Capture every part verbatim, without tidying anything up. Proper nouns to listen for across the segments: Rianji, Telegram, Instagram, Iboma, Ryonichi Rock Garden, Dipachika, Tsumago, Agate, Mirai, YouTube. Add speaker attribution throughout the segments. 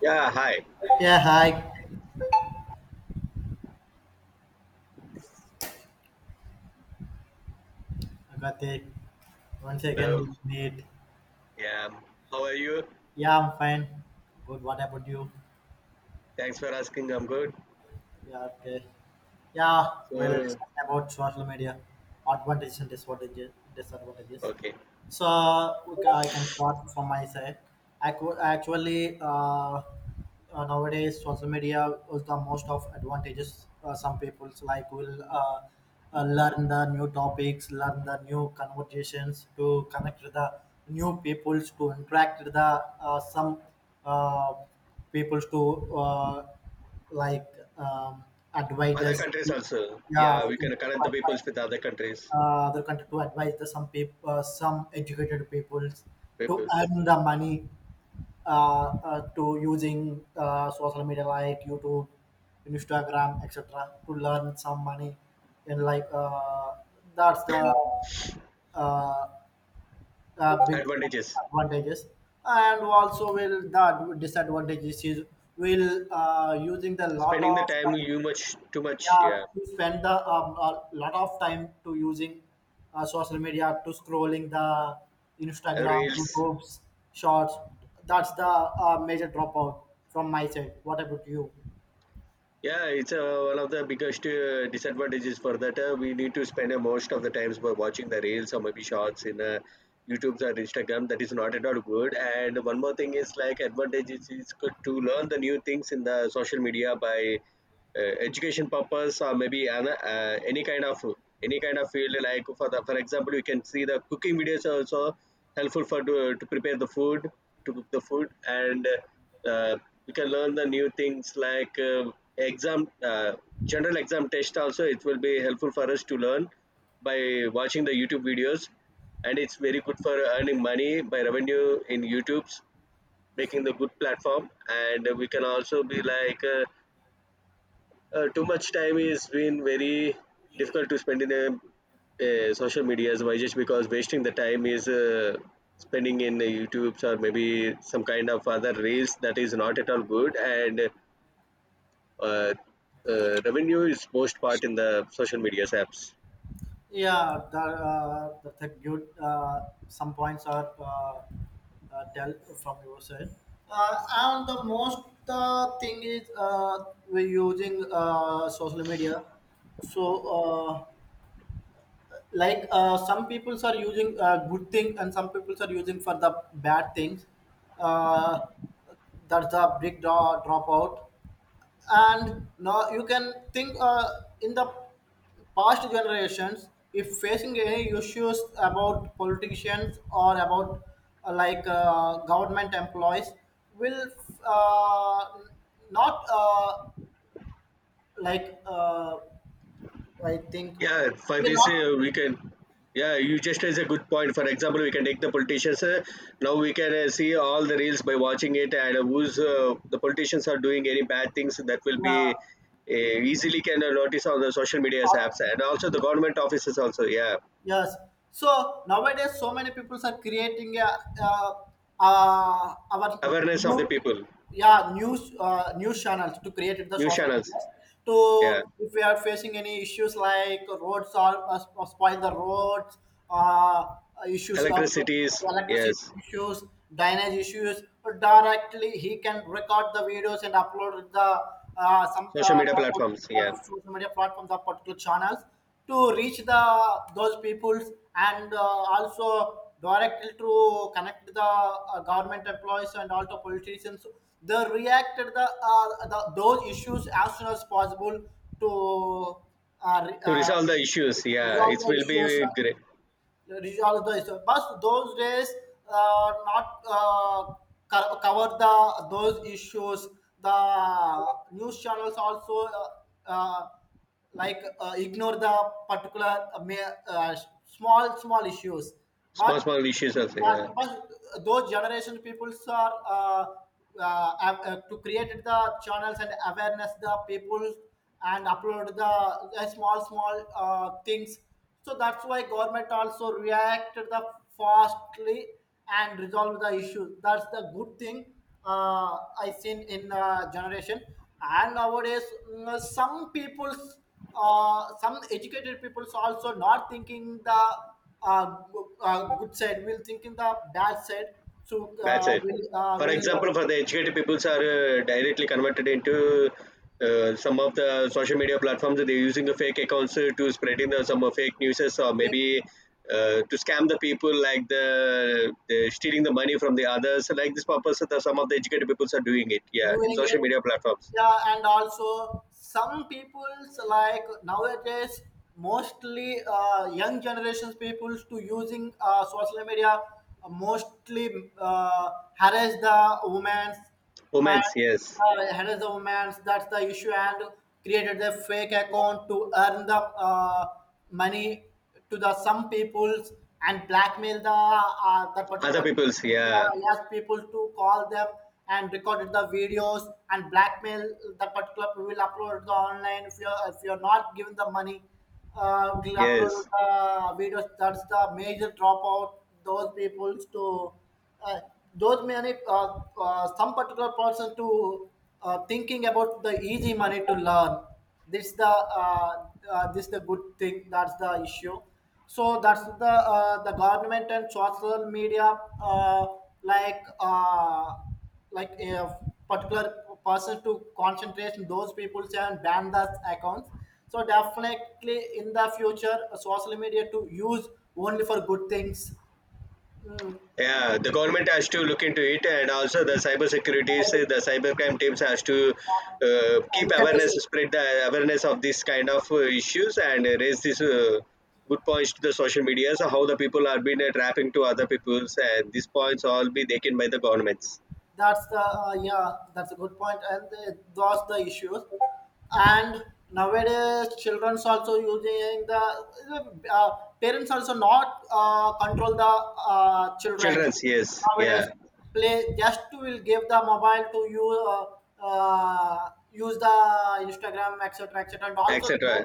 Speaker 1: Yeah, hi.
Speaker 2: Yeah, hi, Agate. Once again,
Speaker 1: Hello.
Speaker 2: we meet.
Speaker 1: Yeah. um, How are you?
Speaker 2: Yeah, I'm fine. Good. What about you?
Speaker 1: Thanks for asking. I'm good.
Speaker 2: Yeah, okay. Yeah, we'll
Speaker 1: So,
Speaker 2: discuss about social media advantages and disadvantages. disadvantages.
Speaker 1: okay.
Speaker 2: So okay, I can start from my side. Actu- Actually, uh, uh, Nowadays social media is the most of advantages. Uh, some people's like will uh, uh, learn the new topics, learn the new conversations to connect with the new peoples, to interact with the uh, some uh, peoples to uh, like um,
Speaker 1: Other
Speaker 2: advisors,
Speaker 1: countries also.
Speaker 2: yeah,
Speaker 1: Yeah,
Speaker 2: other
Speaker 1: we
Speaker 2: content
Speaker 1: can
Speaker 2: to
Speaker 1: connect the
Speaker 2: advise,
Speaker 1: peoples with other countries.
Speaker 2: uh, other content to advise the some people, uh, some educated people to
Speaker 1: Peoples.
Speaker 2: earn the money, uh, uh, to using uh, social media like YouTube, Instagram, etc. to learn some money. And like uh, that's the uh, uh, big
Speaker 1: Advantages.
Speaker 2: advantages. And also will that disadvantages is will uh, using the lot
Speaker 1: Spending
Speaker 2: of,
Speaker 1: the time you much too much.
Speaker 2: yeah,
Speaker 1: Yeah.
Speaker 2: we spend the um, a lot of time to using uh, social media to scrolling the
Speaker 1: Uh,
Speaker 2: Instagram,
Speaker 1: Reels.
Speaker 2: YouTube's shorts. That's the uh, major dropout from my side. What about you?
Speaker 1: Yeah, it's uh, one of the biggest uh, disadvantages for that. Uh, we need to spend uh, most of the times by watching the reels or maybe shorts in uh, YouTube or Instagram. That is not at all good. And one more thing is like advantages is good to learn the new things in the social media by uh, education purpose or maybe an, uh, any kind of any kind of field like for the for example you can see the cooking videos are also helpful for to, to prepare the food to cook the food and uh, you can learn the new things like uh, exam uh, general exam test also it will be helpful for us to learn by watching the youtube videos, and it's very good for earning money by revenue in youtube's making the good platform. And we can also be like uh, uh, too much time is been very difficult to spend in the uh, social medias. Why? Just because wasting the time is uh, spending in the youtubes or maybe some kind of other reels. That is not at all good, and uh, uh, revenue is most part in the social medias apps.
Speaker 2: Yeah, the, uh, the, the good uh, some points are uh, uh, tell from your side. Uh, and the most uh, thing is uh, we're using uh, social media. So uh, like uh, some people are using uh, good thing and some people are using for the bad things, uh, that's a big draw, dropout. And now you can think uh, in the past generations if facing any issues about politicians or about uh, like uh, government employees will uh, not uh, like uh, I think
Speaker 1: Yeah, for
Speaker 2: we
Speaker 1: this
Speaker 2: are
Speaker 1: uh, we can. Yeah, you just raise a good point. For example, we can take the politicians. Uh, now we can uh, see all the reels by watching it, and uh, who's uh, the politicians are doing any bad things that will be
Speaker 2: not,
Speaker 1: uh, easily can uh, notice on the social media
Speaker 2: uh,
Speaker 1: apps, and also
Speaker 2: uh,
Speaker 1: the government offices also. Yeah,
Speaker 2: yes. So nowadays, so many people are creating a, uh, uh, our
Speaker 1: awareness of the
Speaker 2: new,
Speaker 1: people,
Speaker 2: yeah, news, uh, news channels to create the
Speaker 1: news
Speaker 2: social
Speaker 1: channels.
Speaker 2: media
Speaker 1: Yeah,
Speaker 2: to, if we are facing any issues like roads are uh, sp- spoil the roads, uh, issues of
Speaker 1: electricities.
Speaker 2: electricity
Speaker 1: Yes,
Speaker 2: issues, drainage issues, directly he can record the videos and upload the uh, some
Speaker 1: social
Speaker 2: uh,
Speaker 1: media platforms. Yeah,
Speaker 2: social media platforms, the particular channels to reach the those peoples and uh, also directly to connect the uh, government employees and also politicians. They reacted the, uh, the those issues as soon as possible to uh, re-
Speaker 1: to
Speaker 2: uh,
Speaker 1: resolve the issues. Yeah,
Speaker 2: resolve
Speaker 1: it
Speaker 2: the
Speaker 1: will
Speaker 2: issues.
Speaker 1: be great.
Speaker 2: This is also the issue. But those days uh, not uh, co- cover the those issues. The news channels also uh, uh, like uh, ignore the particular uh, ma- uh, small small issues,
Speaker 1: Small
Speaker 2: but,
Speaker 1: small issues also.
Speaker 2: yeah,
Speaker 1: Yeah.
Speaker 2: but those generation peoples are uh, uh, av- uh, to create the channels and awareness the people and upload the, the small small uh, things. So that's why government also reacted the fastly and resolve the issue. That's the good thing uh, I seen in uh, generation. And nowadays, mm, some people's, uh, some educated people's also not thinking the uh, go- uh, good side, will thinking the bad side. So
Speaker 1: That's
Speaker 2: uh,
Speaker 1: it.
Speaker 2: will uh,
Speaker 1: For
Speaker 2: will
Speaker 1: example, for the educated peoples are uh, directly converted into uh, some of the social media platforms. They're using the fake accounts uh, to spreading the, some uh, fake news or maybe uh, to scam the people, like the, the stealing the money from the others. Like this purpose, the, some of the educated peoples are doing it. Yeah, in
Speaker 2: doing
Speaker 1: social
Speaker 2: it.
Speaker 1: media platforms.
Speaker 2: Yeah, and also some people's like nowadays, mostly uh, young generations peoples to using uh, social media, uh, mostly uh, harass the women,
Speaker 1: Women's,
Speaker 2: and
Speaker 1: yes.
Speaker 2: uh, harass the women, that's the issue. And created a fake account to earn the uh, money to the some peoples and blackmail the uh, the
Speaker 1: Other
Speaker 2: particular
Speaker 1: people's, yeah,
Speaker 2: uh, asked people to call them and recorded the videos and blackmail the particular, we will upload the online if you're if you're not given the money, uh, we'll upload
Speaker 1: yes.
Speaker 2: the videos. That's the major dropout. Those people to, uh, those many uh, uh, some particular person to, uh, thinking about the easy money to learn this the, uh, uh, this the good thing, that's the issue. So that's the uh, the government and social media, uh, like uh, like a particular person to concentrate on those people and ban those accounts. So definitely in the future uh, social media to use only for good things. Mm.
Speaker 1: Yeah, the government has to look into it, and also the cyber securities,
Speaker 2: Uh,
Speaker 1: uh, the cybercrime teams has to uh, keep
Speaker 2: Look at
Speaker 1: awareness,
Speaker 2: this,
Speaker 1: spread the awareness of this kind of uh, issues, and uh, raise this uh, good points to the social media. So how the people are being uh, trapping to other people's, and these points all be taken by the governments.
Speaker 2: that's the uh, yeah, that's a good point. And uh, those the issues. And nowadays children's also using the, uh, parents also not uh, control the uh, children
Speaker 1: Childrens, yes, yeah,
Speaker 2: nowadays. Play just will give the mobile to you, uh, uh, use the Instagram etc. etc. And also
Speaker 1: et cetera.
Speaker 2: so-,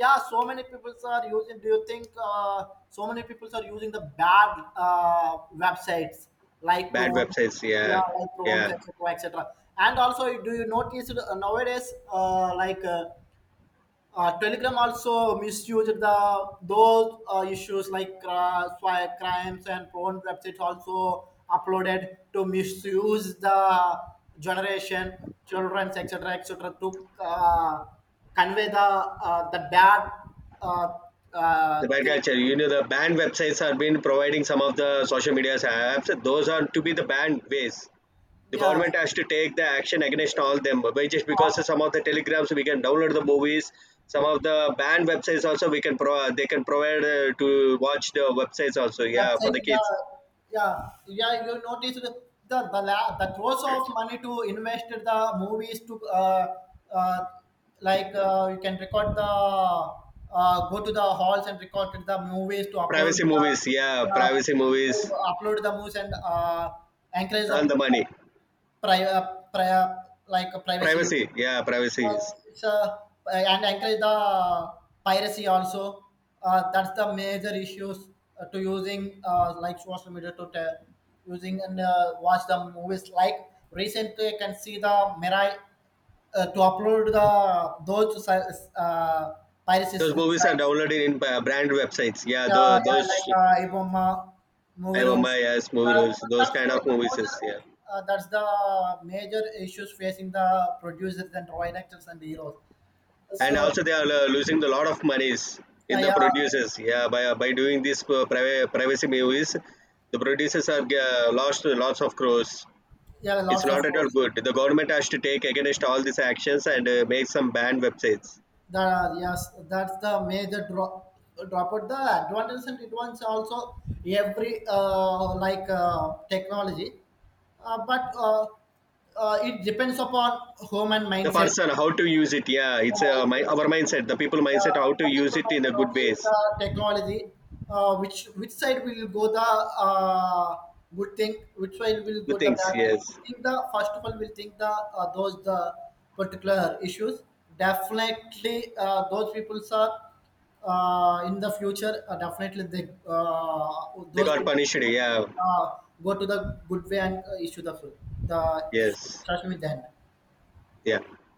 Speaker 2: yeah, so many people are using, do you think uh, so many people are using the bad uh, websites like
Speaker 1: Bad
Speaker 2: prone,
Speaker 1: websites, yeah,
Speaker 2: yeah, like phones
Speaker 1: yeah.
Speaker 2: etc. etc. And also, do you notice uh, nowadays uh, like uh, uh, telegram also misused the those uh, issues like uh, swi- crimes and porn websites also uploaded to misuse the generation children etc. etc. to uh, convey the uh, the bad uh, uh,
Speaker 1: The bad
Speaker 2: thing.
Speaker 1: culture, you know, the banned websites are been providing some of the social media apps. Those are to be the banned ways. The
Speaker 2: Yes,
Speaker 1: government has to take the action against all them, but just because of some of the telegrams we can download the movies, some of the banned websites also we can pro they can provide uh, to watch the websites also, yeah, for
Speaker 2: website,
Speaker 1: the
Speaker 2: yeah,
Speaker 1: kids.
Speaker 2: yeah, yeah, you notice the the, the, la- the throws of money to invest the movies to uh, uh, like uh, you can record the, uh, go to the halls and record the movies to upload
Speaker 1: Privacy
Speaker 2: the,
Speaker 1: movies, yeah,
Speaker 2: uh,
Speaker 1: privacy
Speaker 2: to
Speaker 1: movies
Speaker 2: upload the movies and uh, encourage the
Speaker 1: and the money.
Speaker 2: pri- uh, pri- uh, like uh, privacy.
Speaker 1: Privacy, yeah, privacy is
Speaker 2: Well, it's uh, and encourage the piracy also. Uh, that's the major issues uh, to using uh, like social media to te- using and uh, watch the movies. Like recently, I can see the Mirai, uh, to upload the those si- uh, piracy
Speaker 1: those movies are
Speaker 2: sites.
Speaker 1: downloaded in uh, brand websites, yeah,
Speaker 2: Yeah,
Speaker 1: those,
Speaker 2: yeah,
Speaker 1: those
Speaker 2: like uh, Iboma,
Speaker 1: I
Speaker 2: movie
Speaker 1: Mumbai.
Speaker 2: rules.
Speaker 1: Yes, movie
Speaker 2: Uh,
Speaker 1: rules, those
Speaker 2: that's
Speaker 1: kind
Speaker 2: why
Speaker 1: of
Speaker 2: the
Speaker 1: movies is, yeah,
Speaker 2: major, uh, that's the major issues facing the producers and writers and heroes.
Speaker 1: and
Speaker 2: So,
Speaker 1: also they are uh, losing a lot of monies in
Speaker 2: Uh,
Speaker 1: the
Speaker 2: yeah,
Speaker 1: producers, yeah, by uh, by doing these uh, priva- privacy movies. The producers are uh, lost lots of crores.
Speaker 2: yeah,
Speaker 1: It's
Speaker 2: lots of
Speaker 1: not at all
Speaker 2: course.
Speaker 1: good. The government has to take against all these actions and uh, make some banned websites.
Speaker 2: The, yes, that's the major drop. Drop out the advantages and advantages also every uh, like uh, technology, uh, but uh, uh, it depends upon home and
Speaker 1: The
Speaker 2: mindset.
Speaker 1: person how to use it, yeah, it's uh,
Speaker 2: Uh,
Speaker 1: my, our mindset, the people
Speaker 2: the,
Speaker 1: mindset how to
Speaker 2: the
Speaker 1: use
Speaker 2: people
Speaker 1: it in
Speaker 2: might
Speaker 1: a
Speaker 2: not
Speaker 1: good
Speaker 2: use
Speaker 1: ways.
Speaker 2: the technology. Uh, which which side will go the uh, good thing? Which side will
Speaker 1: Good
Speaker 2: go the
Speaker 1: things,
Speaker 2: bad thing?
Speaker 1: yes.
Speaker 2: Think the first of all will think the uh, those the particular issues. Definitely, uh, those people are uh, in the future. Uh, definitely, they uh,
Speaker 1: They
Speaker 2: those
Speaker 1: got
Speaker 2: people
Speaker 1: punished, yeah.
Speaker 2: uh, go to the good way and uh, issue the the
Speaker 1: Yes.
Speaker 2: social media.
Speaker 1: Yeah.